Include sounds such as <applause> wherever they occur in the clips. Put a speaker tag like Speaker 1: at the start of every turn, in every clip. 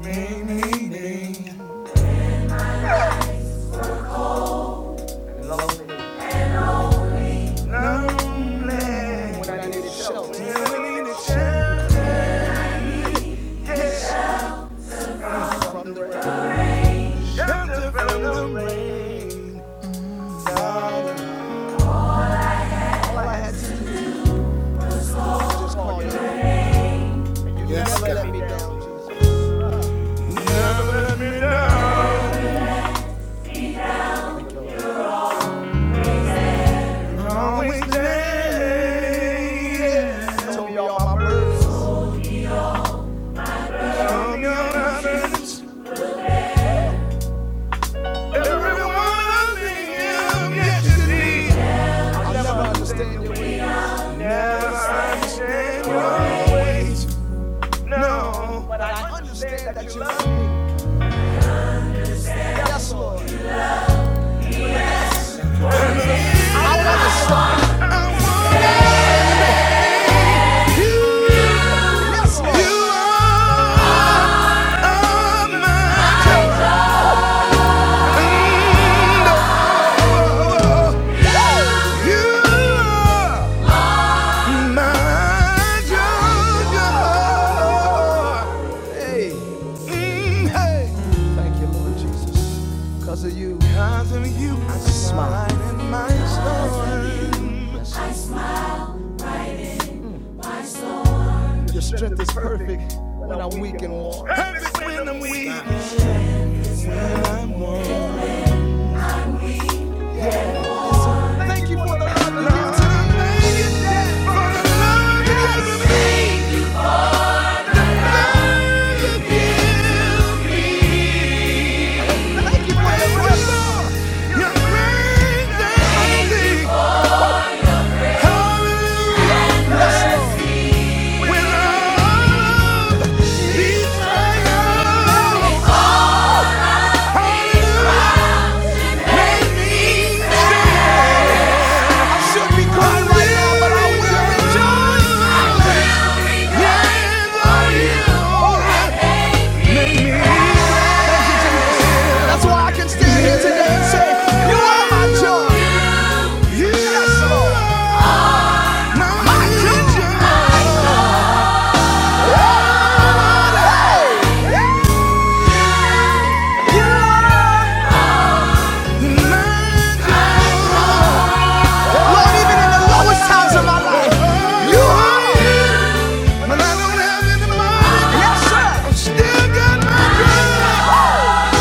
Speaker 1: Me, me, me, lonely. Feeling the challenge, shelter from the rain. Darling, never let me down. I'm Always there. On your arms, every one of me, you get to be. Never I change. always no. I wanted you. Yeah. Lord, even in the lowest times of my life, you But I don't have any money. Yes, sir. I still got my girl. Oh,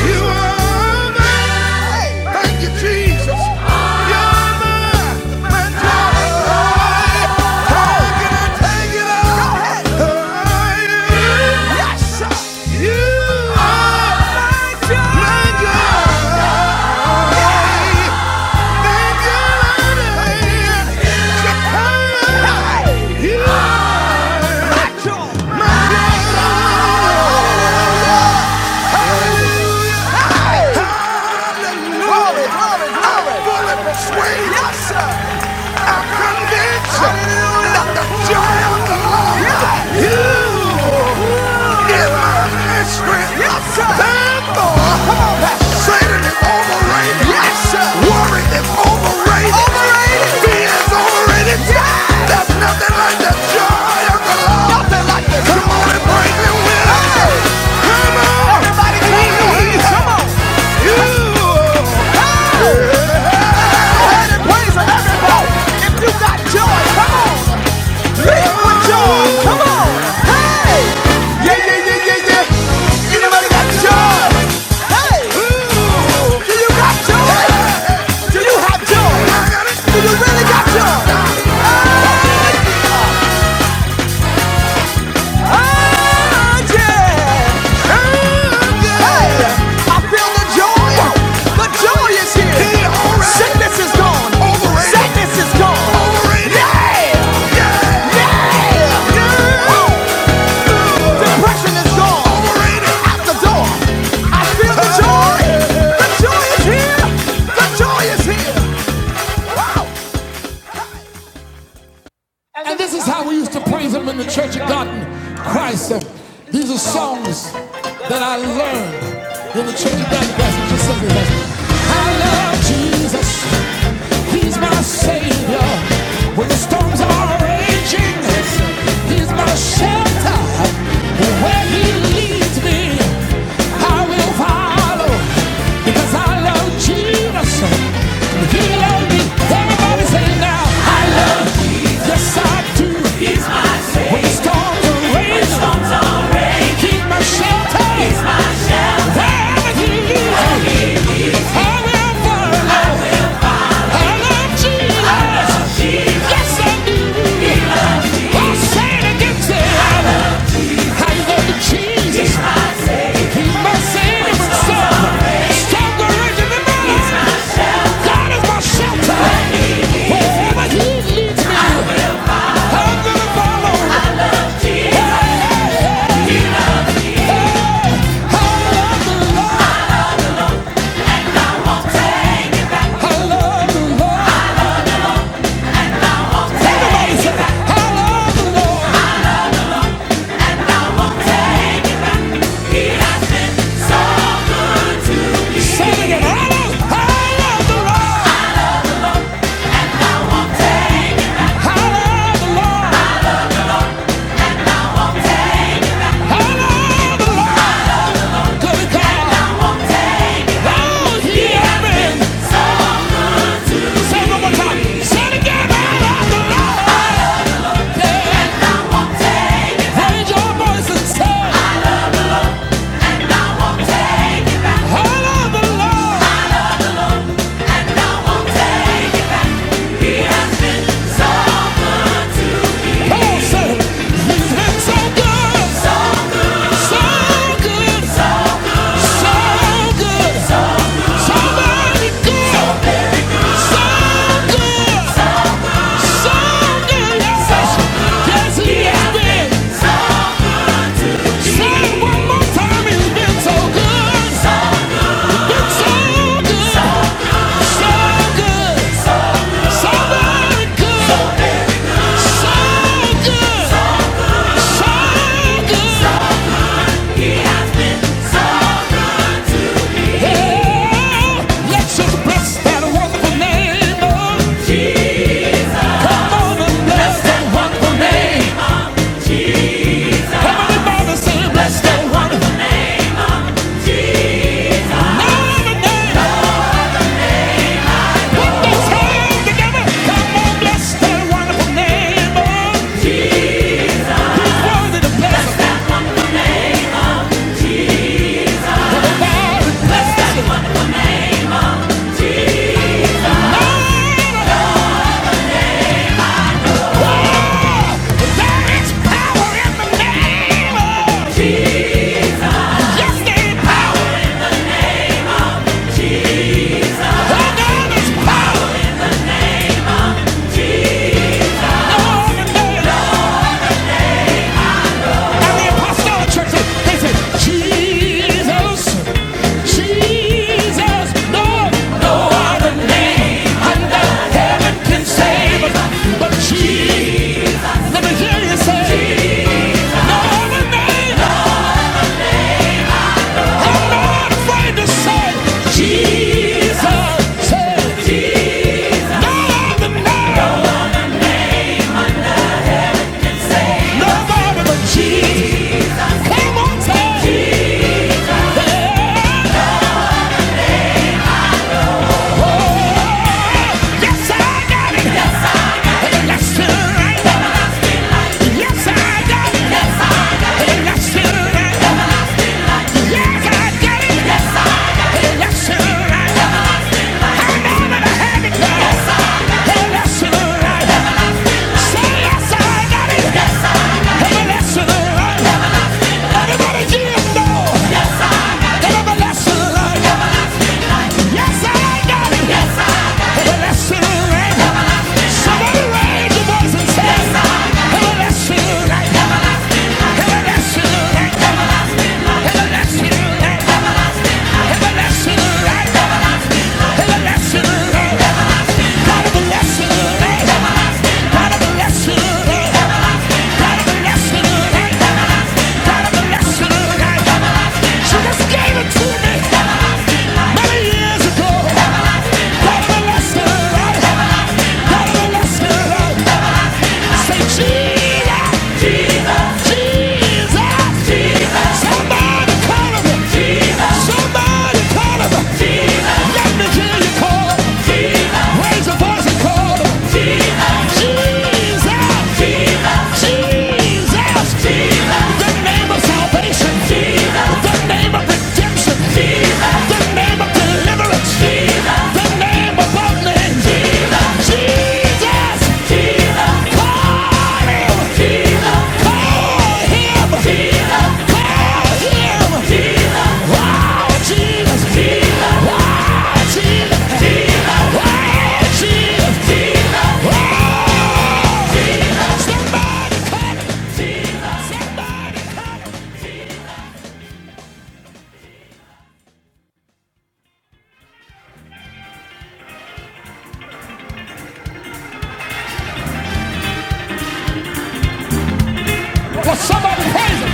Speaker 1: yeah. You are mine. Thank you, Jesus. You're mine. My joy. Oh, can I take it all? Go ahead. Oh, yeah. Yes, sir. You are my joy. My joy. Yes, sir. Therefore, Satan is overrated. Yes, sir. Worry is overrated. Overrated. Fear is overrated. Yeah. There's nothing like the joy of the Lord. Nothing like the joy. Come on and praise Him with us. Hey. Come on. Everybody clap your hands. Come on. You. and praise him, everybody. If you got joy, come on. Make it with joy. Come on. Hey. Yeah, yeah, yeah, yeah, yeah. Anybody got joy? Hey. Do you got joy? Do you have joy? Do you really got joy? Oh! Oh, yeah. Oh, yeah. Hey, Yeah, Yeah. Yeah. Yeah. Oh, depression is gone. Overrated. Out the door. I feel the joy. The joy is here. The joy is here. Wow. And this is how we used to praise him in the Church of God in Christ. Um, These are songs that I learned in the Church of God in Christ. Just sing with I love Jesus. He's my Savior. When the storms are raging, He's my shelter. And where He leads me, I will follow because I love Jesus. He loved me. Everybody say now. I love Jesus. Yes, I do. He's my savior. When storms are raging, shelter. He's my shelter. There he is. I will follow. I will follow. I love the Lord. Raise your voice and say, I love the Lord. So good, yes, yes, he has been. Bless that wonderful name. bless that Name, name. Yes, there's power. Oh, no, there's power. No, no, no, no. And the apostolic said, they said, Jesus, Jesus, no, no other name under heaven can save. But Jesus, let me hear you say, no other name. I'm not afraid to say, Jesus, say, no other name, no other but Jesus. Come on, say, Jesus." Yes, I got it. Yes, I got it. Left to right. Yes, I got it. Yes, I got it. Left to right. Yes, I got it. Everlasting rain. Somebody raise your voice and say. She just gave it to me many years physical. God bless me, Say Jesus, Jesus, Jesus. Somebody call him. Somebody call him. Let me hear you call him. Raise a voice and call Jesus, Jesus, Jesus. The name of salvation, Jesus. The name of redemption, Jesus. The name of deliverance, Jesus. The name above name, Jesus. Jesus, Jesus. Call him, Call him, Call him, Jesus. Wow, Jesus, Jesus. Wow, Jesus, Jesus. Wow, Jesus, Somebody, somebody praise him.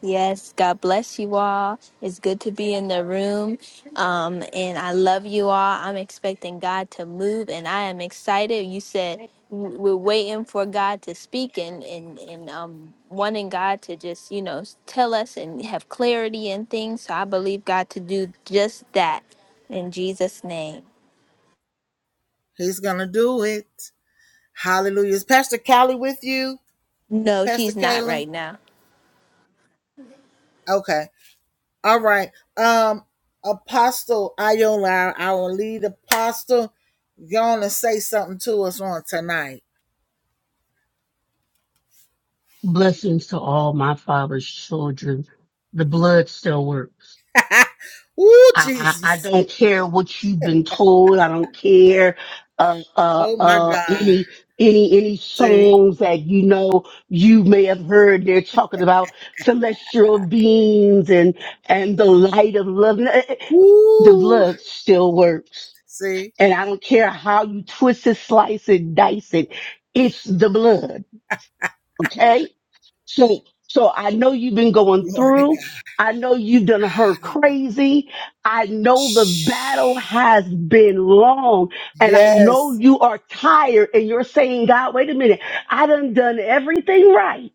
Speaker 2: Yes, God bless you all. It's good to be in the room. Um, and I love you all. I'm expecting God to move and I am excited. You said w- we're waiting for God to speak and, and, and um, wanting God to just, you know, tell us and have clarity and things. So I believe God to do just that in Jesus' name. No, she's not right now.
Speaker 3: Blessings to all my father's children. The blood still works. I, I, I don't care what you've been told. I don't care uh, uh, uh, any any any songs that you know you may have heard. They're talking about celestial beings and and the light of love. N- Eh, eh, The blood still works, and I don't care how you twist it, slice it, dice it. It's the blood. Okay. So, so I know you've been going through. I know you've done her crazy. I know the battle has been long and I know you are tired and you're saying, God, wait a minute. I done done everything right.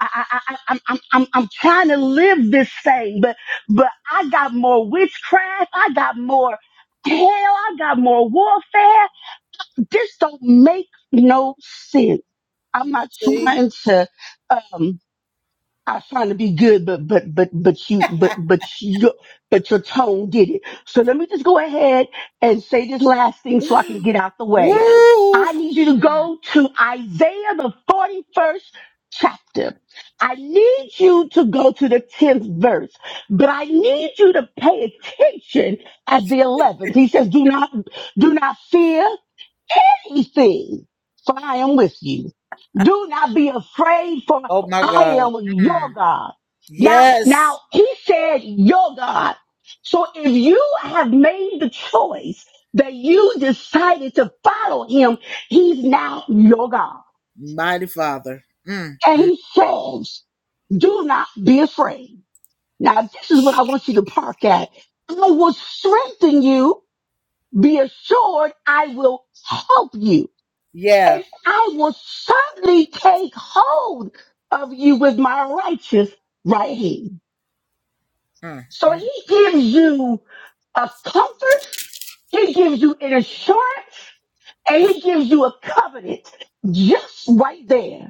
Speaker 3: I, I, I, I'm, I'm, I'm I'm trying to live this thing, but, but I got more witchcraft. I got more hell. I got more warfare. This don't make no sense. I'm not trying to, um, I was trying to be good, but but but but you but but you but your tone did it. So let me just go ahead and say this last thing so I can get out the way. I need you to go to Isaiah the forty first chapter. I need you to go to the tenth verse, but I need you to pay attention at the eleventh. He says, "Do not do not fear anything, for I am with you. Do not be afraid, for I am your God. Now, now he said your God. So if you have made the choice that you decided to follow him, he's now your God. And he says, do not be afraid. Now, this is what I want you to park at. I will strengthen you. Be assured I will help you. and I will certainly take hold of you with my righteous right hand. So he gives you a comfort, he gives you an assurance, and he gives you a covenant just right there.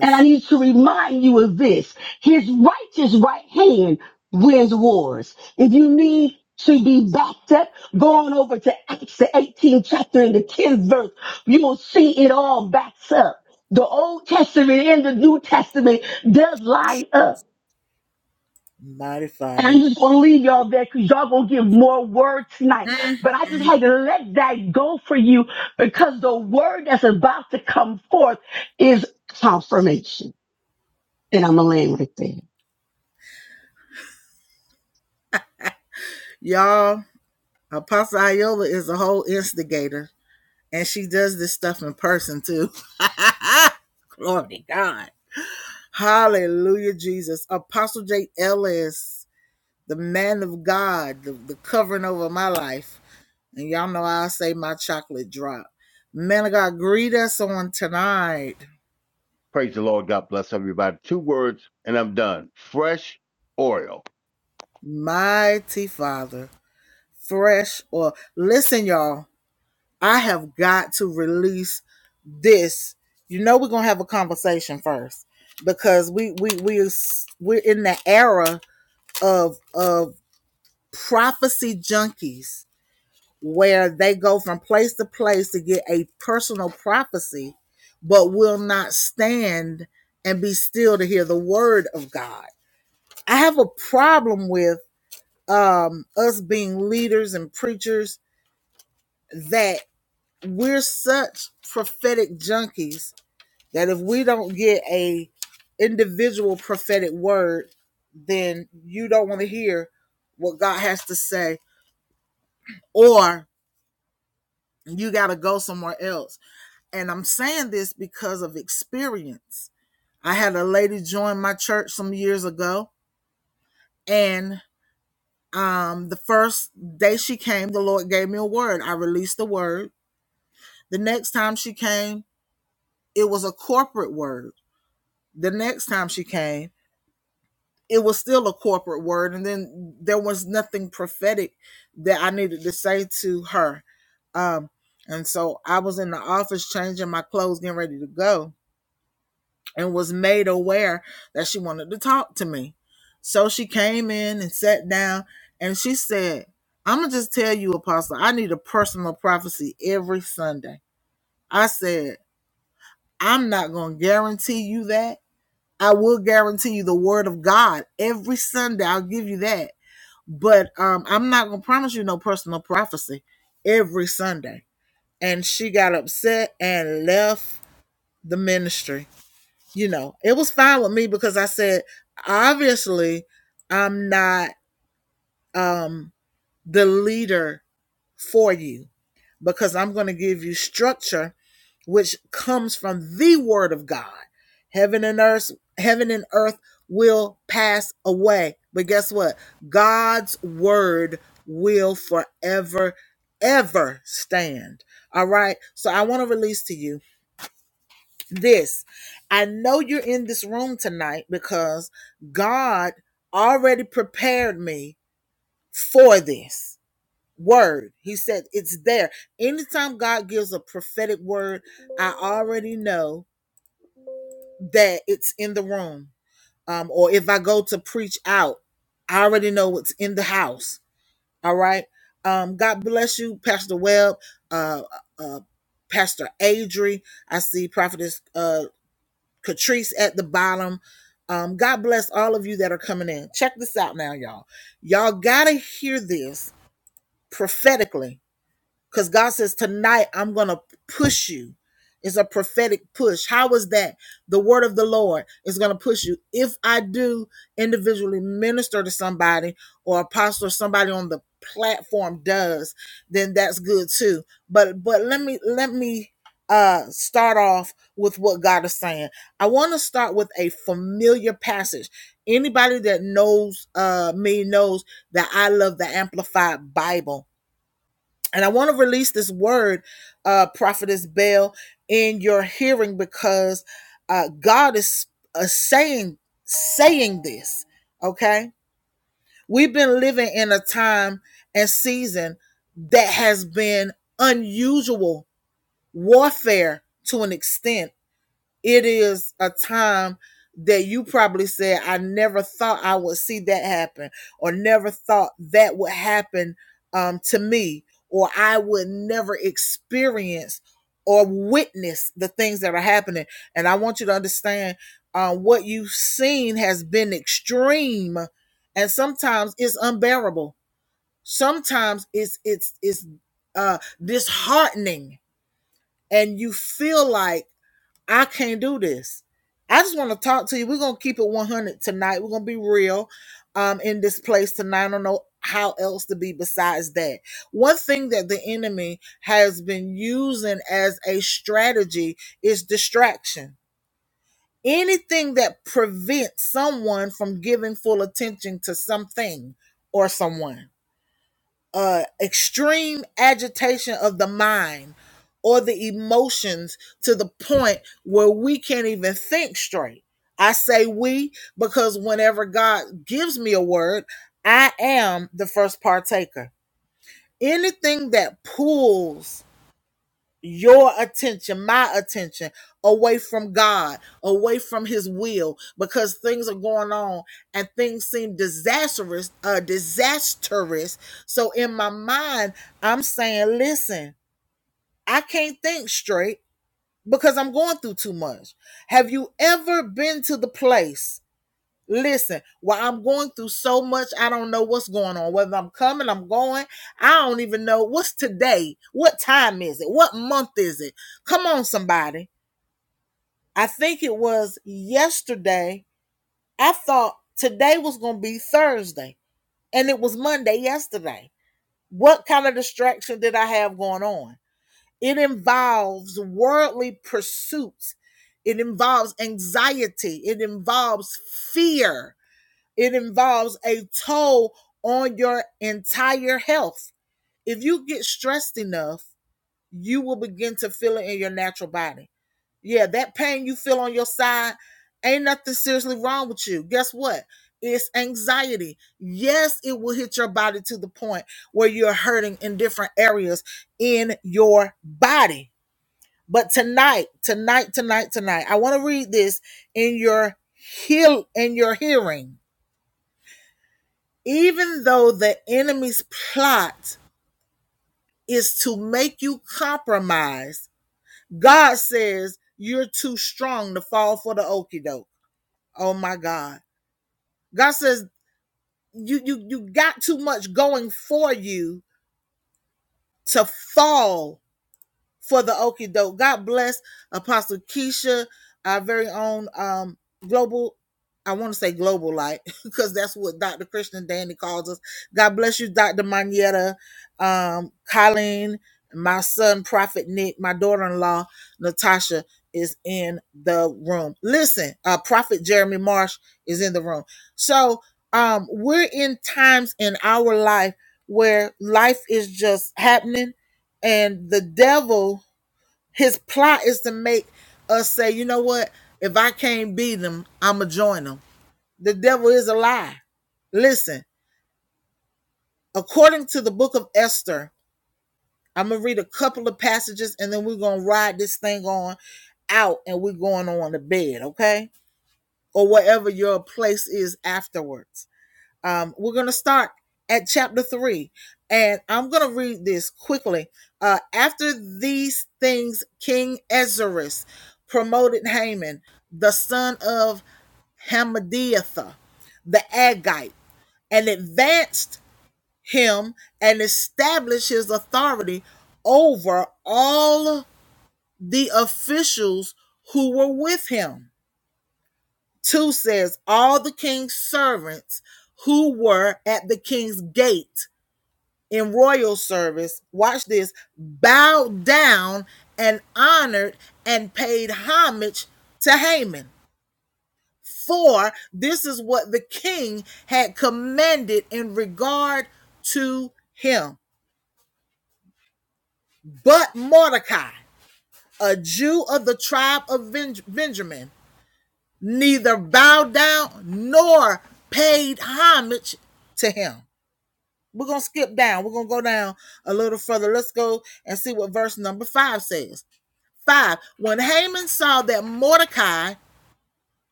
Speaker 3: And I need to remind you of this. His righteous right hand wins wars. If you need to be backed up, go on over to Acts the 18th chapter and the 10th verse. You will see it all backs up. The Old Testament and the New Testament does line up. And I'm just gonna leave y'all there because y'all gonna give more word tonight. But I just had to let that go for you because the word that's about to come forth is confirmation. And I'm gonna land right there.
Speaker 4: Praise the Lord. God bless everybody. Two words, and I'm done. Fresh oil.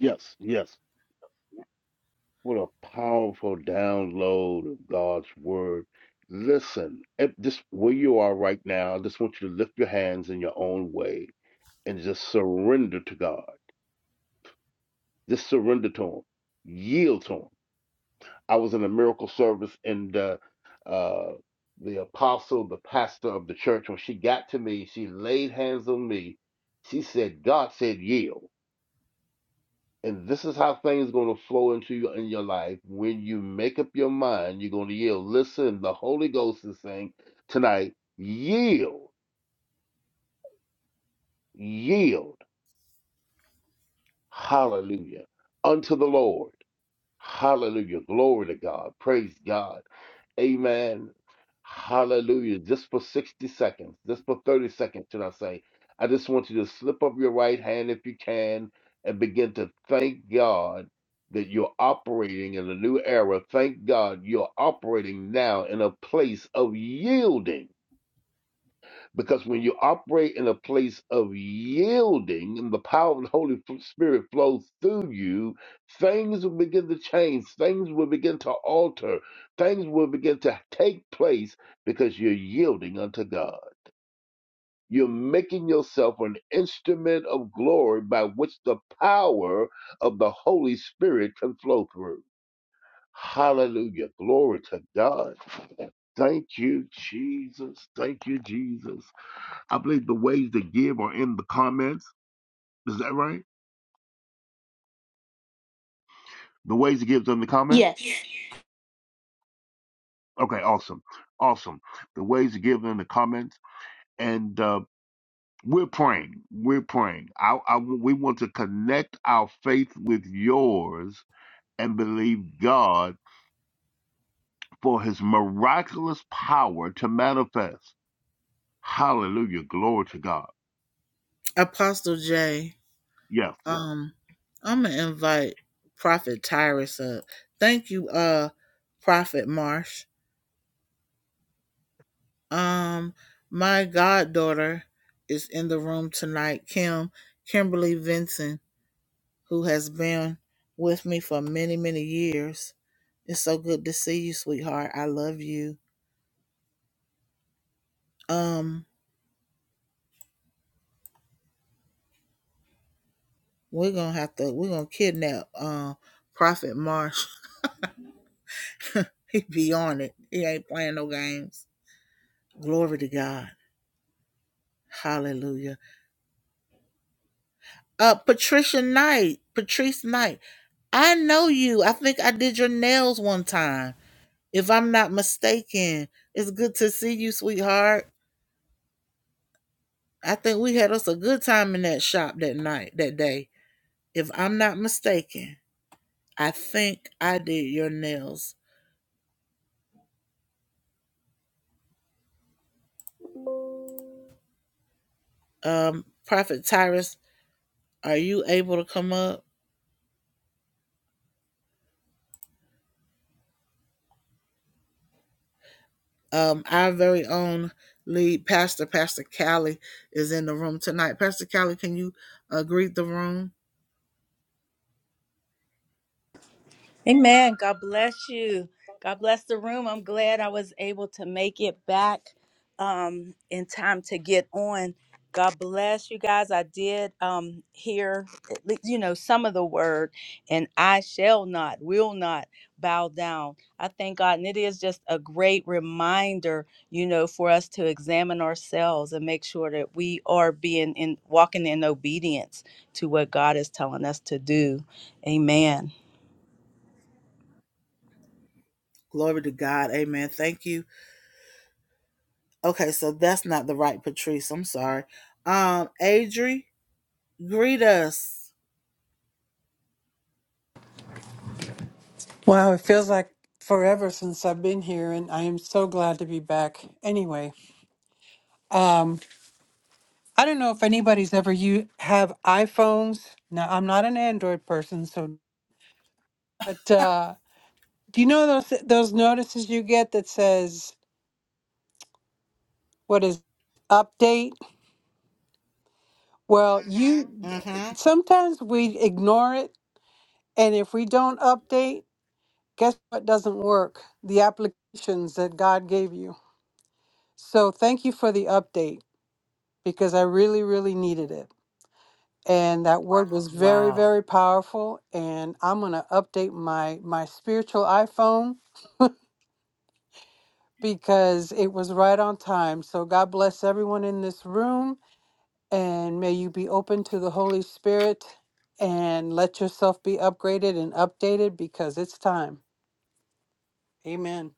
Speaker 4: Yes, yes. What a powerful download of God's word. Listen, at this where you are right now, I just want you to lift your hands in your own way and just surrender to God. Just surrender to Him. Yield to Him. I was in a miracle service, and uh, uh, the apostle, the pastor of the church, when she got to me, she laid hands on me. She said, "God said yield." And this is how things going to flow into you in your life. When you make up your mind, you're going to yield. Listen, the Holy Ghost is saying tonight, yield, yield, hallelujah, unto the Lord. Hallelujah. Glory to God. Praise God. Amen. Hallelujah. Just for 60 seconds, just for 30 seconds, should I say. I just want you to slip up your right hand if you can and begin to thank God that you're operating in a new era. Thank God you're operating now in a place of yielding because when you operate in a place of yielding and the power of the Holy Spirit flows through you, things will begin to change. Things will begin to alter. Things will begin to take place because you're yielding unto God. You're making yourself an instrument of glory by which the power of the Holy Spirit can flow through. Hallelujah. Glory to God. Thank you, Jesus. Thank you, Jesus. I believe the ways to give are in the comments. Is that right? The ways to give is in the comments.
Speaker 2: Yes.
Speaker 4: Okay, awesome, awesome. The ways to give are in the comments, and uh, we're praying. We're praying. I, I, we want to connect our faith with yours and believe God for His miraculous power to manifest. Hallelujah, glory to God. Yes.
Speaker 5: Amen. God bless you. God bless the room. I'm glad I was able to make it back um, in time to get on. God bless you guys. I did um, hear, at least, you know, some of the word, and I shall not, will not bow down. I thank God. And it is just a great reminder, you know, for us to examine ourselves and make sure that we are being in walking in obedience to what God is telling us to do. Amen.
Speaker 6: Wow, it feels like forever since I've been here, and I am so glad to be back. Anyway, um, I don't know if anybody's ever you have iPhones. Now, I'm not an Android person, so but uh, do you know those those notices you get that says what is update? Well, you sometimes we ignore it, and if we don't update, guess what doesn't work? The applications that God gave you. So thank you for the update. because I really, really needed it. And that word was very, very powerful. And I'm gonna update my my spiritual iPhone because it was right on time. So God bless everyone in this room, and may you be open to the Holy Spirit, and let yourself be upgraded and updated because it's time. Amen.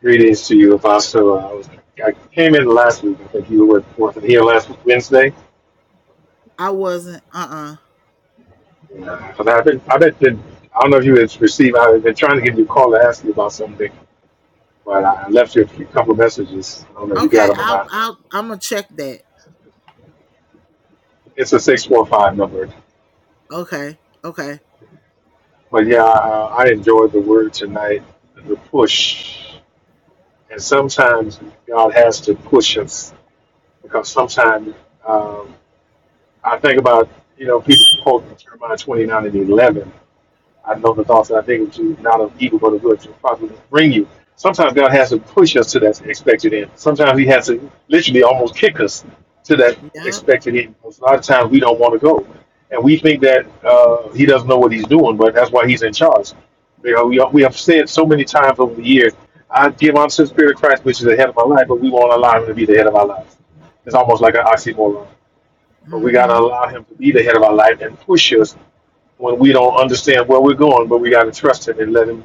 Speaker 7: Greetings to you, Apostle. I, was, I came in last week. I think you were wasn't here last Wednesday. Uh, but I've been, I've been, been- I don't know if you had received. I've been trying to give you a call to ask you about something, but I I left you a couple of messages. I don't know if you got them or not. It's a six four five number. But yeah, I, I enjoyed the word tonight. The push, and sometimes God has to push us because sometimes um, I think about you know people quote Jeremiah twenty nine and eleven I know the thoughts that I think to not of evil but of good to probably bring you. Sometimes God has to push us to that expected end. Sometimes He has to literally almost kick us to that expected end. Because a lot of times we don't want to go, and we think that uh, He doesn't know what He's doing, but that's why He's in charge. You know, we we have said so many times over the years, "I give unto the Spirit of Christ, which is the head of my life," but we won't allow Him to be the head of our life. It's almost like an oxymoron. But we got to allow Him to be the head of our life and push us when we don't understand where we're going, but we got to trust Him and let Him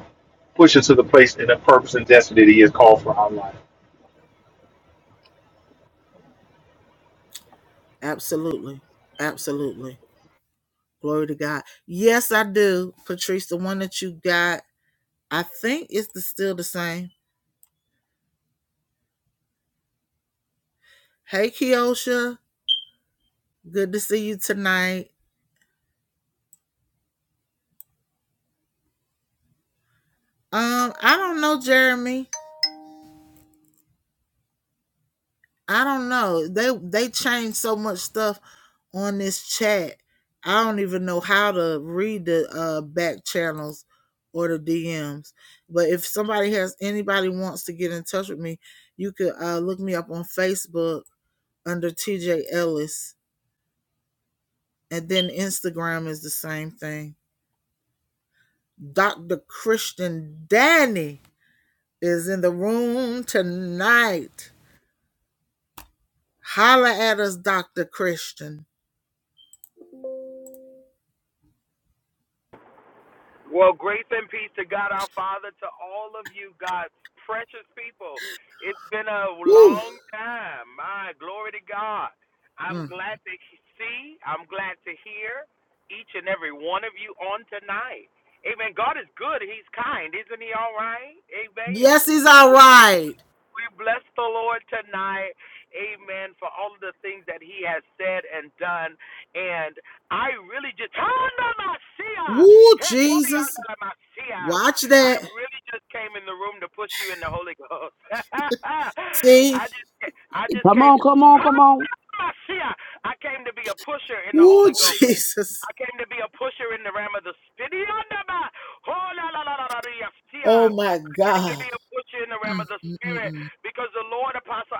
Speaker 7: push us to the place and the purpose and destiny that He has called for our life.
Speaker 8: Well, grace and peace to God our Father, to all of you, God's precious people. It's been a long time. My glory to God. I'm glad to see, I'm glad to hear each and every one of you on tonight. Amen. God is good. He's kind. Isn't he all right? Amen. We we bless the Lord tonight, amen, for all of the things that he has said and done. And I really just, I really just came in the room to push you in the Holy Ghost. <laughs> I just, I just
Speaker 3: Come
Speaker 8: came,
Speaker 3: on, come on, come on.
Speaker 8: I came to be a pusher in the Holy Ghost. I came to be a pusher in the realm of the spirit. Oh, la, la, la, la, la, yes, Tia. I came to be a pusher in the realm of the spirit because the Lord Apostle,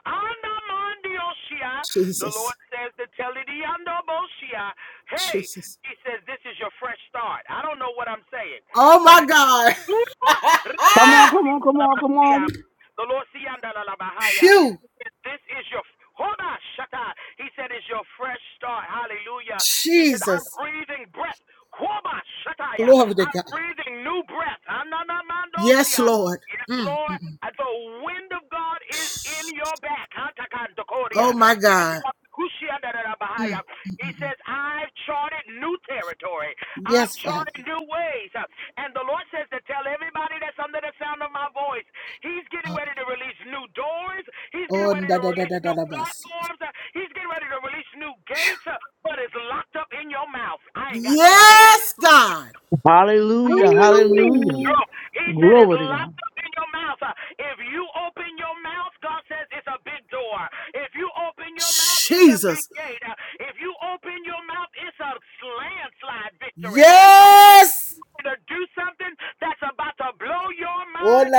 Speaker 8: the Lord says to tell it, hey, he says, this is your fresh start. I don't know what I'm saying, but I the
Speaker 3: Come on, come on, come on, come on.
Speaker 8: Lord, this is your hold on, He said it's your fresh start. Hallelujah. He said, I'm breathing breath. Quoba, shut yeah. I'm breathing new breath. Ananamandosia. Yes, Lord. And The wind of God is in your back. Hatakantokoria. Yes, Lord. Kushiandarabahaya. He says, I've charted new territory. I've charted new ways. And the Lord says to tell everybody that's under the sound of my voice. He's getting ready to release new doors. He's getting ready to release new platforms. Uh, He's getting ready to release new gates, uh, but it's locked up in your mouth. I ain't got nobody in this. I
Speaker 3: Hallelujah,
Speaker 8: ain't got nobody in
Speaker 3: hallelujah.
Speaker 8: this room. He said it's
Speaker 3: Glory to God.
Speaker 8: locked up in your mouth. Uh, If you open your mouth, God says it's a big door. If you open your mouth, it's a big gate. Uh, If you open your mouth, it's a landslide victory. You're gonna do something that's about to blow your mind.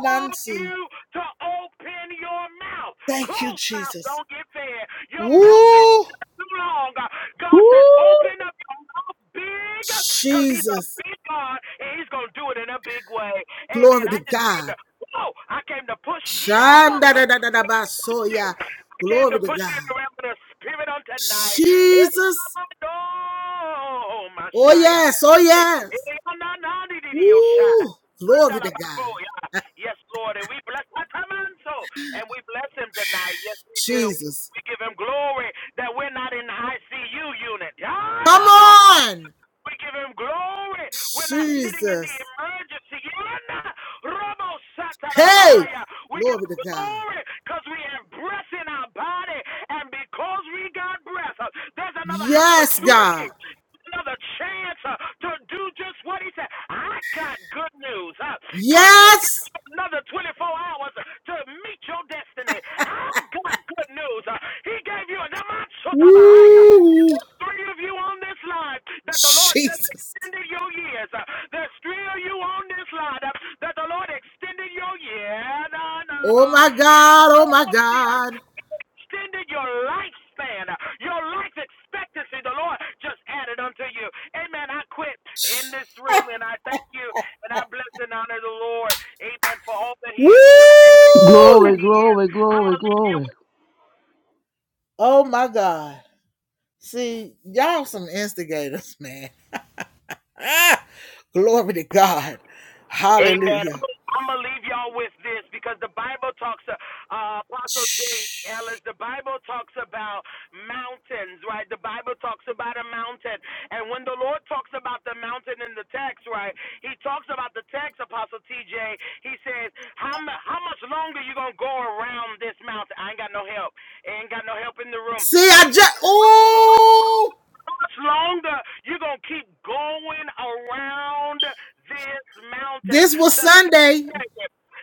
Speaker 8: called you to open your mouth. Closed mouth don't get fed. Your mouth been shut too long. God says,
Speaker 3: Woo!
Speaker 8: open up your mouth big, because He's a big God and He's gonna do it in a big way. Amen. I just came to whoa. I came to push you. I came to push you in the realm of the spirit on tonight. Oh, my Shia. Yes, Lord, and we bless Atamanso, and we bless him tonight. Yes, we do. We give him glory that we're not in the ICU unit. Ah, not my we give him glory. We're not sitting in the emergency. Yana, Robo Satarabahaya. We give him glory because we have breath in our body. And because we got breath, uh, there's another opportunity, another chance uh, to do just what he said. I got good news. uh, God just gave me another 24 hours to meet your destiny. I got good news. uh, He gave you a three of you on this line that the Lord just extended your years. Uh, There's three of you on this line uh, that the Lord extended your year. Na, na, na. Yeah, no, no, yeah. Extended your lifespan, uh, your life expectancy. The Lord just added unto you. Amen. I quit in this room and I thank you and I bless and honor the Lord. Amen. For all that He is doing and all that
Speaker 3: Glory,
Speaker 8: He is.
Speaker 3: glory,
Speaker 8: I'm going
Speaker 3: glory,
Speaker 8: to leave you.
Speaker 3: glory.
Speaker 8: Amen. I'm gonna leave y'all with this because the Bible talks, uh, Apostle J. Ellis. The Bible talks about mountains, right? The Bible talks about a mountain, and when the Lord talks about the mountain in the text, right? He talks about the text, Apostle T.J. He says, "How mu- how much longer you gonna go around this mountain? I ain't got no help. I ain't got no help in the room. How, how much longer you gonna keep going around this mountain?" The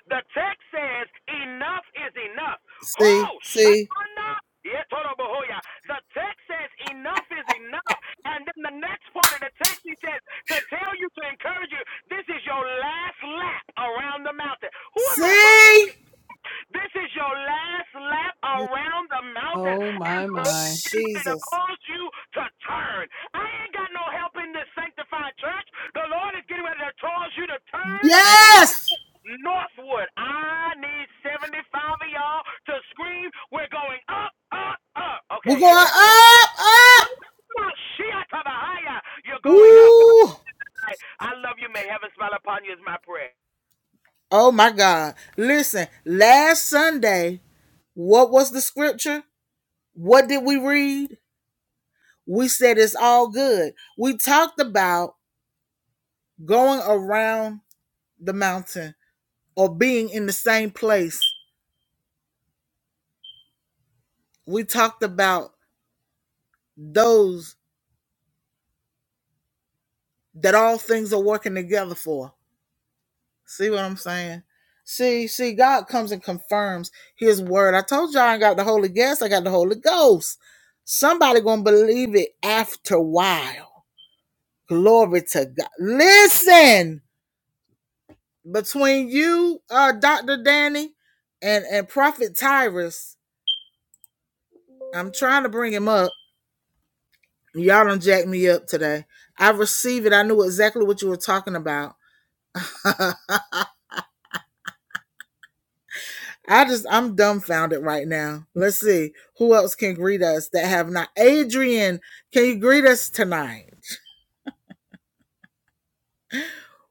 Speaker 8: the text says, enough is enough. Oh, Shatana. Yetorobohoya. The text says enough is enough. And then the next part of the text he says to tell you to encourage you, this is your last lap around the mountain. Who am I talking to? This is your last lap around the mountain.
Speaker 6: Oh
Speaker 8: And
Speaker 6: my
Speaker 8: the Lord is
Speaker 6: my.
Speaker 8: getting ready to cause you to turn. I ain't got no help in this sanctified church. The Lord is getting ready to cause you to turn Northwood. I need 75 of y'all to scream, we're going up, up, up. Okay, amen. Well, shit to the higher. You're going up. I love you. May heaven smile upon you is my prayer.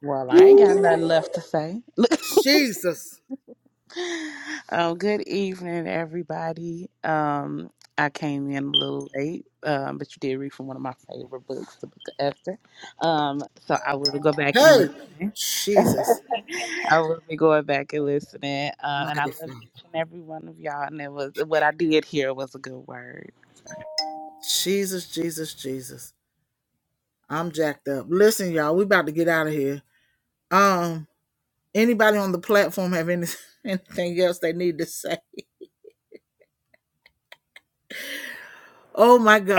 Speaker 9: Well, I ain't got nothing left to say. <laughs> um, good evening, everybody. Um, I came in a little late, um, but you did read from one of my favorite books, the Book of Esther. Um, so I will go back and listen. <laughs> I will be going back and listening. Uh, and I love each and every one of y'all. And it was what I did here was a good word.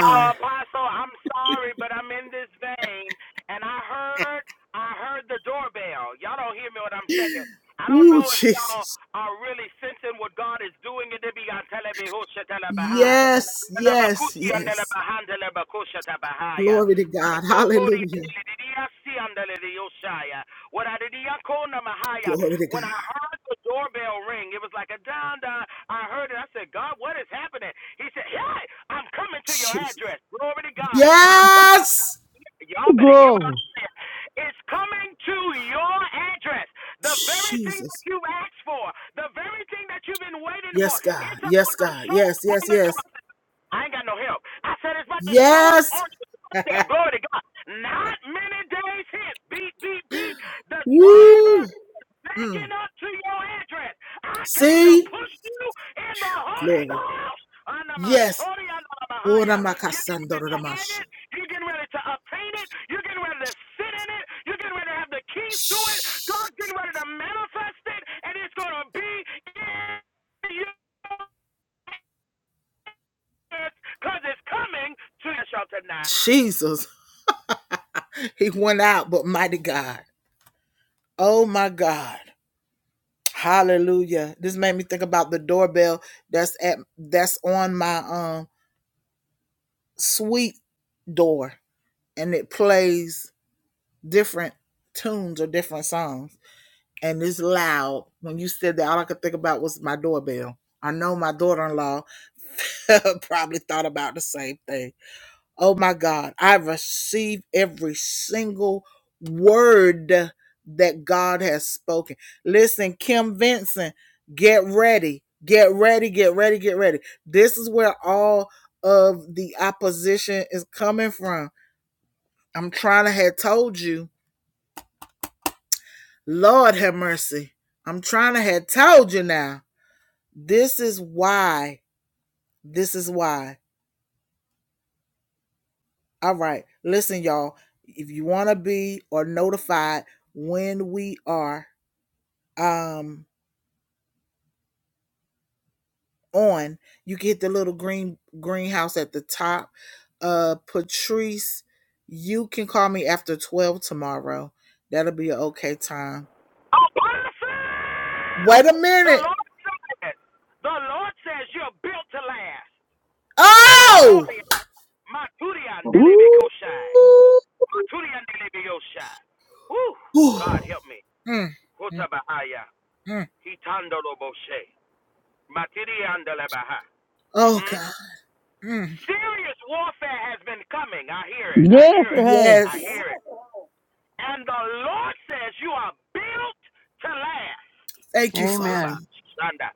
Speaker 8: Uh, Apostle, I'm sorry, but I'm in this vein, and I heard, I heard the doorbell. Y'all don't hear me what I'm saying. I don't know if y'all are really sensing what God is doing in the beyond telling me who should tell her behind. Labakuti and Labahandela Bakusha Tabahaya. Sokori andeledia, si andeledio shaya. When I did yakona mahaya, when I heard the doorbell ring, it was like a down down. I heard it. I said, God, what is happening? He said, Hey, I'm coming to your address. Glory to God. I'm coming. Y'all better hear what
Speaker 3: Glory.
Speaker 8: I'm saying. It's coming to your address. The very thing that you asked for, the very thing that you've been waiting for, it's about to show up on the door. I ain't got no help. I said it's about to show up on your doorstep. Glory to God. Not many days hence. Beep, beep, beep. The driver backing up to your address. I came to push you in the Holy Ghost. Under my sorry, under my Bahia. You're getting ready to have it. You're getting ready to obtain it. You're getting ready to sit in it. You're getting ready to have the keys to it. God's getting ready to manifest it, and it's going to be in you because it's coming to your shelter tonight. Apostle! The Lord says, the Lord says you're built to last. My Korea, my Turian delebe
Speaker 3: Woo!
Speaker 8: koshai. My Turian delebe yoshai. Woo! God help me. Hutabahaya. hitandolo loboshe. Matirian delebaha. Mm-hmm. Serious warfare has been coming. I hear it. I
Speaker 3: Yes,
Speaker 8: hear
Speaker 3: it
Speaker 8: it.
Speaker 3: has.
Speaker 8: I hear it. And the Lord says you are built to last. Oba,
Speaker 6: Amen.
Speaker 8: Shanda.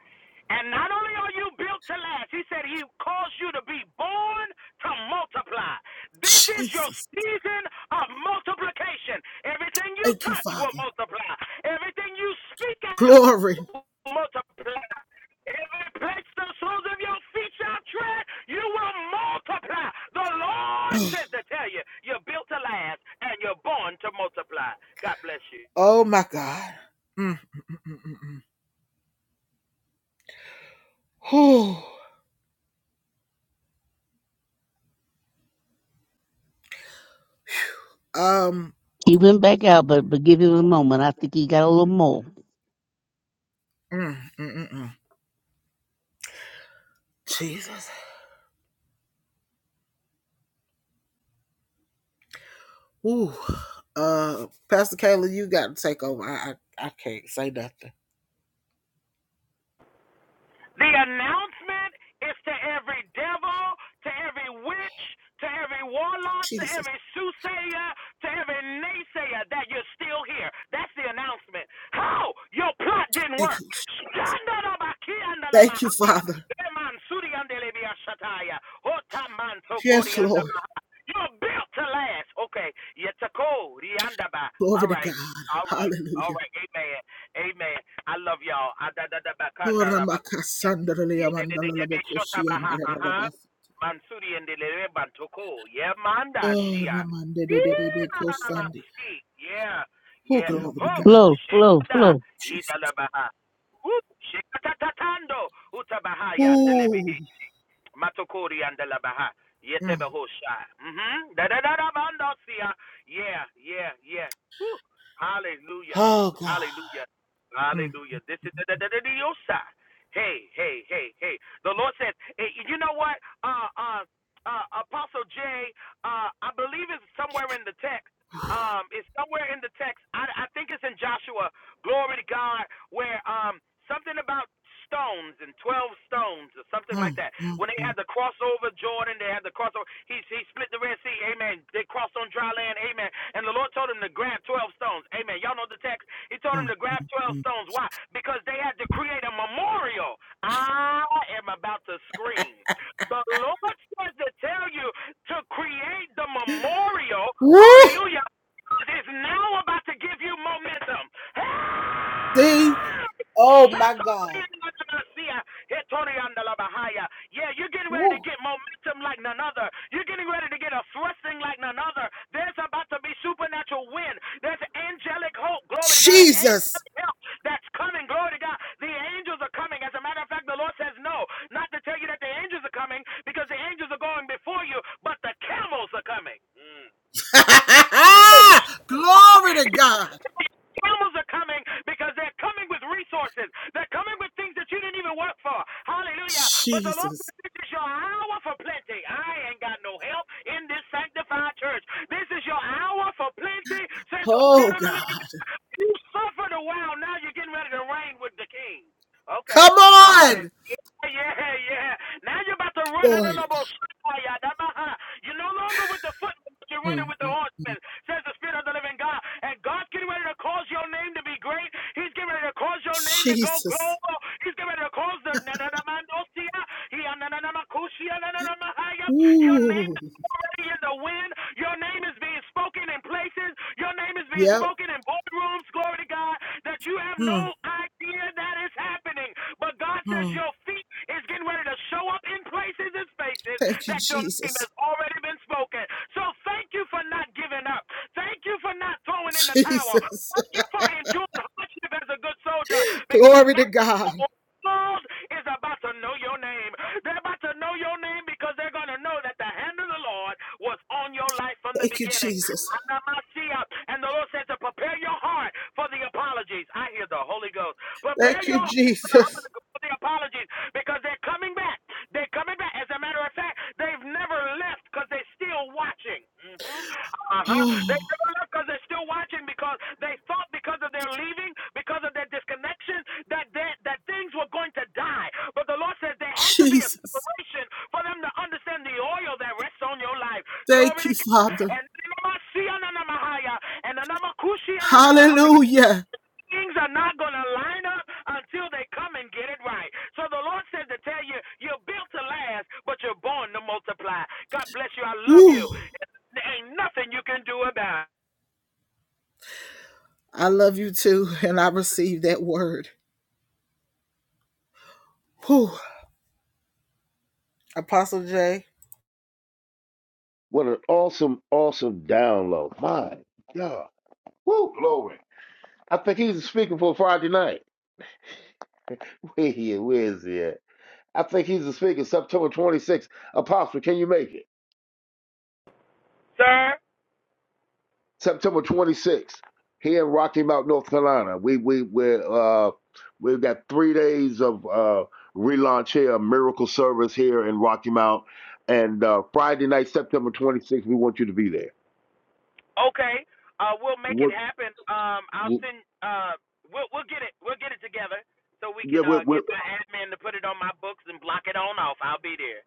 Speaker 8: And not only are you built to last, he said he caused you to be born to multiply. This is your season of multiplication. Everything you touch will multiply. Everything you speak out will multiply. Every place the soles of your feet shall tread, you will multiply. The Lord says to tell you, you're built to last and you're born to multiply. God bless you.
Speaker 3: He went back out, but, but give him a moment. I think he got a little more.
Speaker 8: The announcement is to every devil, to every witch, to every warlock, to every soothsayer, to every naysayer that you're still here. That's the announcement. How? Your plot didn't work. You're built to last. Okay. All right. All right. All right. Amen. Amen. I love y'all. Yeah. Yeah, they, they, they, they make short abaha, uh-huh. Mansuri and the Lere Bantoko. Yeah, Manda Shia. Yeah, na, na, na, ma, si. yeah. yeah. Ho,
Speaker 3: Flow, flow,
Speaker 8: Shekada,
Speaker 3: flow.
Speaker 8: Idalabaha. Whoop, Shekatatatando, Utabahaya and the Lebe. Matokori and the Delabaha. Yetebehosha. Mm-hmm. Da da da da bandosia. Yeah, yeah, yeah. Woo. Hallelujah. Hallelujah. Hallelujah. This is the da da da diosa. Hey, hey, hey, hey. The Lord says, hey, you know what? Uh uh uh Apostle J, uh I believe it's somewhere in the text. Um, it's somewhere in the text. I, I think it's in Joshua. Glory to God, where um something about stones and 12 stones or something like that. When they had the crossover Jordan, they had the crossover. He, he split the Red Sea, amen. They crossed on dry land, amen. And the Lord told him to grab 12 stones, amen. Y'all know the text. He told him to grab 12 stones. Why? Because they had to create a memorial. I am about to scream. The Lord says to tell you to create the memorial, hallelujah, God is now about to give you momentum. Help! Shatoriandalabasia, hetoriandalabahaya. Yeah, you're getting ready to get momentum like none other. You're getting ready to get a thrusting like none other. There's about to be supernatural wind. There's angelic hope. Glory to God. Angelic help that's coming. Glory to God. The angels are coming. As a matter of fact, the Lord says no. Not to tell you that the angels are coming because the angels are going before you, but the camels are coming. Mm. Camels are coming because they're coming with resources. They're coming with things that you didn't even work for. Hallelujah. But the Lord says this is your hour for plenty. I ain't got no help in this sanctified church. This is your hour for plenty, says the Spirit of the living you suffered a while. Now you're getting ready to reign with the king. Okay. Uh huh. Yeah, yeah, yeah. Now you're about to run. No, no, no, yeah, uh-huh. You're no longer with the footmen. You're running with the horsemen, says the Spirit of the living God. And God's getting ready to cause your name to be great. He's getting ready to cause your name to go global. He's getting ready to cause the. na- na- na- man- oh, see, uh, he- uh, na- na- na- ma- kushia, na- na- na- ma- hi- uh, Your name already in the wind. Your name is being spoken in places. Your name is being spoken in boardrooms. Glory to God that you have no idea that is happening. But God says your feet is getting ready to show up in places and spaces that your name has already been spoken. So thank you for not giving up. Thank you for not throwing in the towel. Thank you for enduring hardship as a good soldier. Because now world is about to know your name. They're about to know your name because they're going to know that the hand of the Lord was on your life from the beginning. And the Lord said to prepare your heart for the apologies. I hear the Holy Ghost. Prepare your heart for the, for the apologies because they're coming back. They're coming back. As a matter of fact, they've never left because they're still watching. Uh-huh. They still left because they're still watching because they thought because of their leaving, because of their disconnection, that that that things were going to die. But the Lord says there had to be a separation for them to understand the oil that rests on your life. Glory to God. And Namasia and Namakushi things are not gonna line up until they come and get it right. So the Lord says to tell you, you're built to last, but you're born to multiply. God bless you. I love you. There ain't nothing you can do about it,
Speaker 4: What an awesome, awesome download. My God. Woo, glory. I think he's speaking for Friday night. Where he at? Where is he at? I think he's the speaker. September 26th. Apostle, can you make it?
Speaker 8: sir.
Speaker 4: September 26th here in Rocky Mount, North Carolina. We we we uh we've got three days of uh relaunch here, a miracle service here in Rocky Mount, and uh Friday night, September 26th, we want you to be there.
Speaker 8: Okay, uh, we'll make it
Speaker 4: What?
Speaker 8: happen. Um, I'll
Speaker 4: Yeah,
Speaker 8: send. Uh, we'll we'll get it. We'll get it together so we can
Speaker 4: we,
Speaker 8: uh
Speaker 4: we,
Speaker 8: get my admin to put it on my books and block it on off. I'll be there.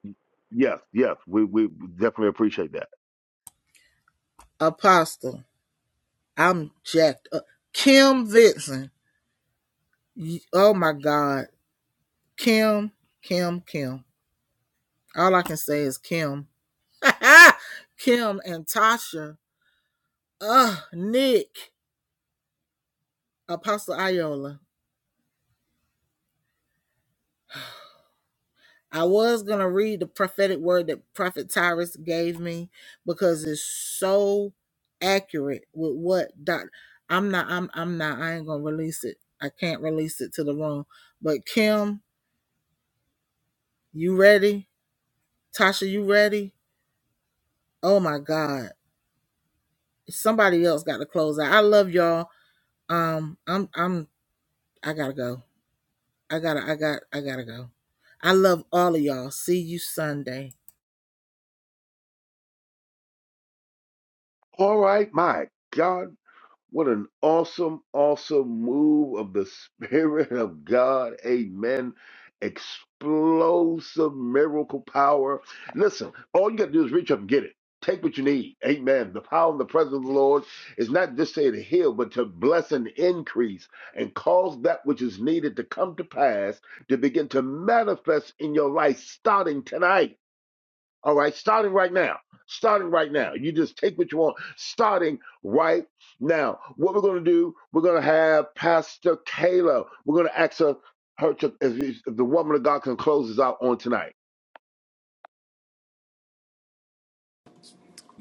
Speaker 4: yes, yes, we we definitely appreciate that. All right, my God. What an awesome, awesome move of the <laughs> Spirit of God. Amen. Explosive miracle power. Listen, all you got to do is reach up and get it. Take what you need. Amen. The power and the presence of the Lord is not just say to heal, but to bless and increase and cause that which is needed to come to pass to begin to manifest in your life starting tonight. All right, starting right now. Starting right now. You just take what you want. Starting right now. What we're going to do, we're going to have Pastor Kayla. We're going to ask her, her to, if, if the woman of God can close us out on tonight.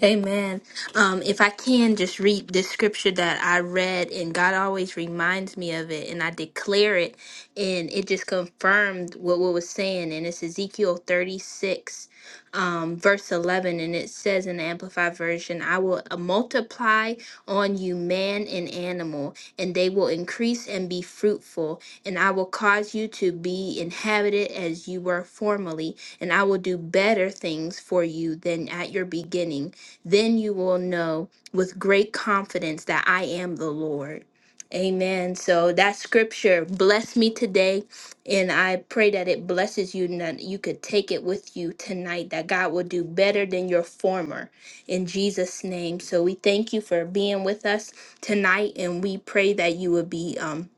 Speaker 2: Amen. Um, if I can just read this scripture that I read, and God always reminds me of it, and I declare it, and it just confirmed what what was saying. And it's Ezekiel 36, um, verse 11, and it says in the Amplified Version, I will uh, multiply on you man and animal, and they will increase and be fruitful, and I will cause you to be inhabited as you were formerly, and I will do better things for you than at your beginning then you will know with great confidence that I am the Lord. Amen. So that scripture blessed me today, and I pray that it blesses you and that you could take it with you tonight, that God will do better than your former in Jesus' name. So we thank you for being with us tonight, and we pray that you will be um,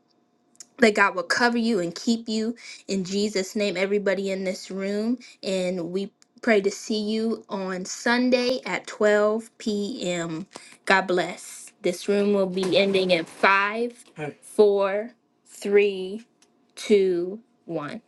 Speaker 2: that God will cover you and keep you in Jesus' name, everybody in this room. And we pray to see you on Sunday at 12 p.m. God bless. This room will be ending in five, four, three, two, one.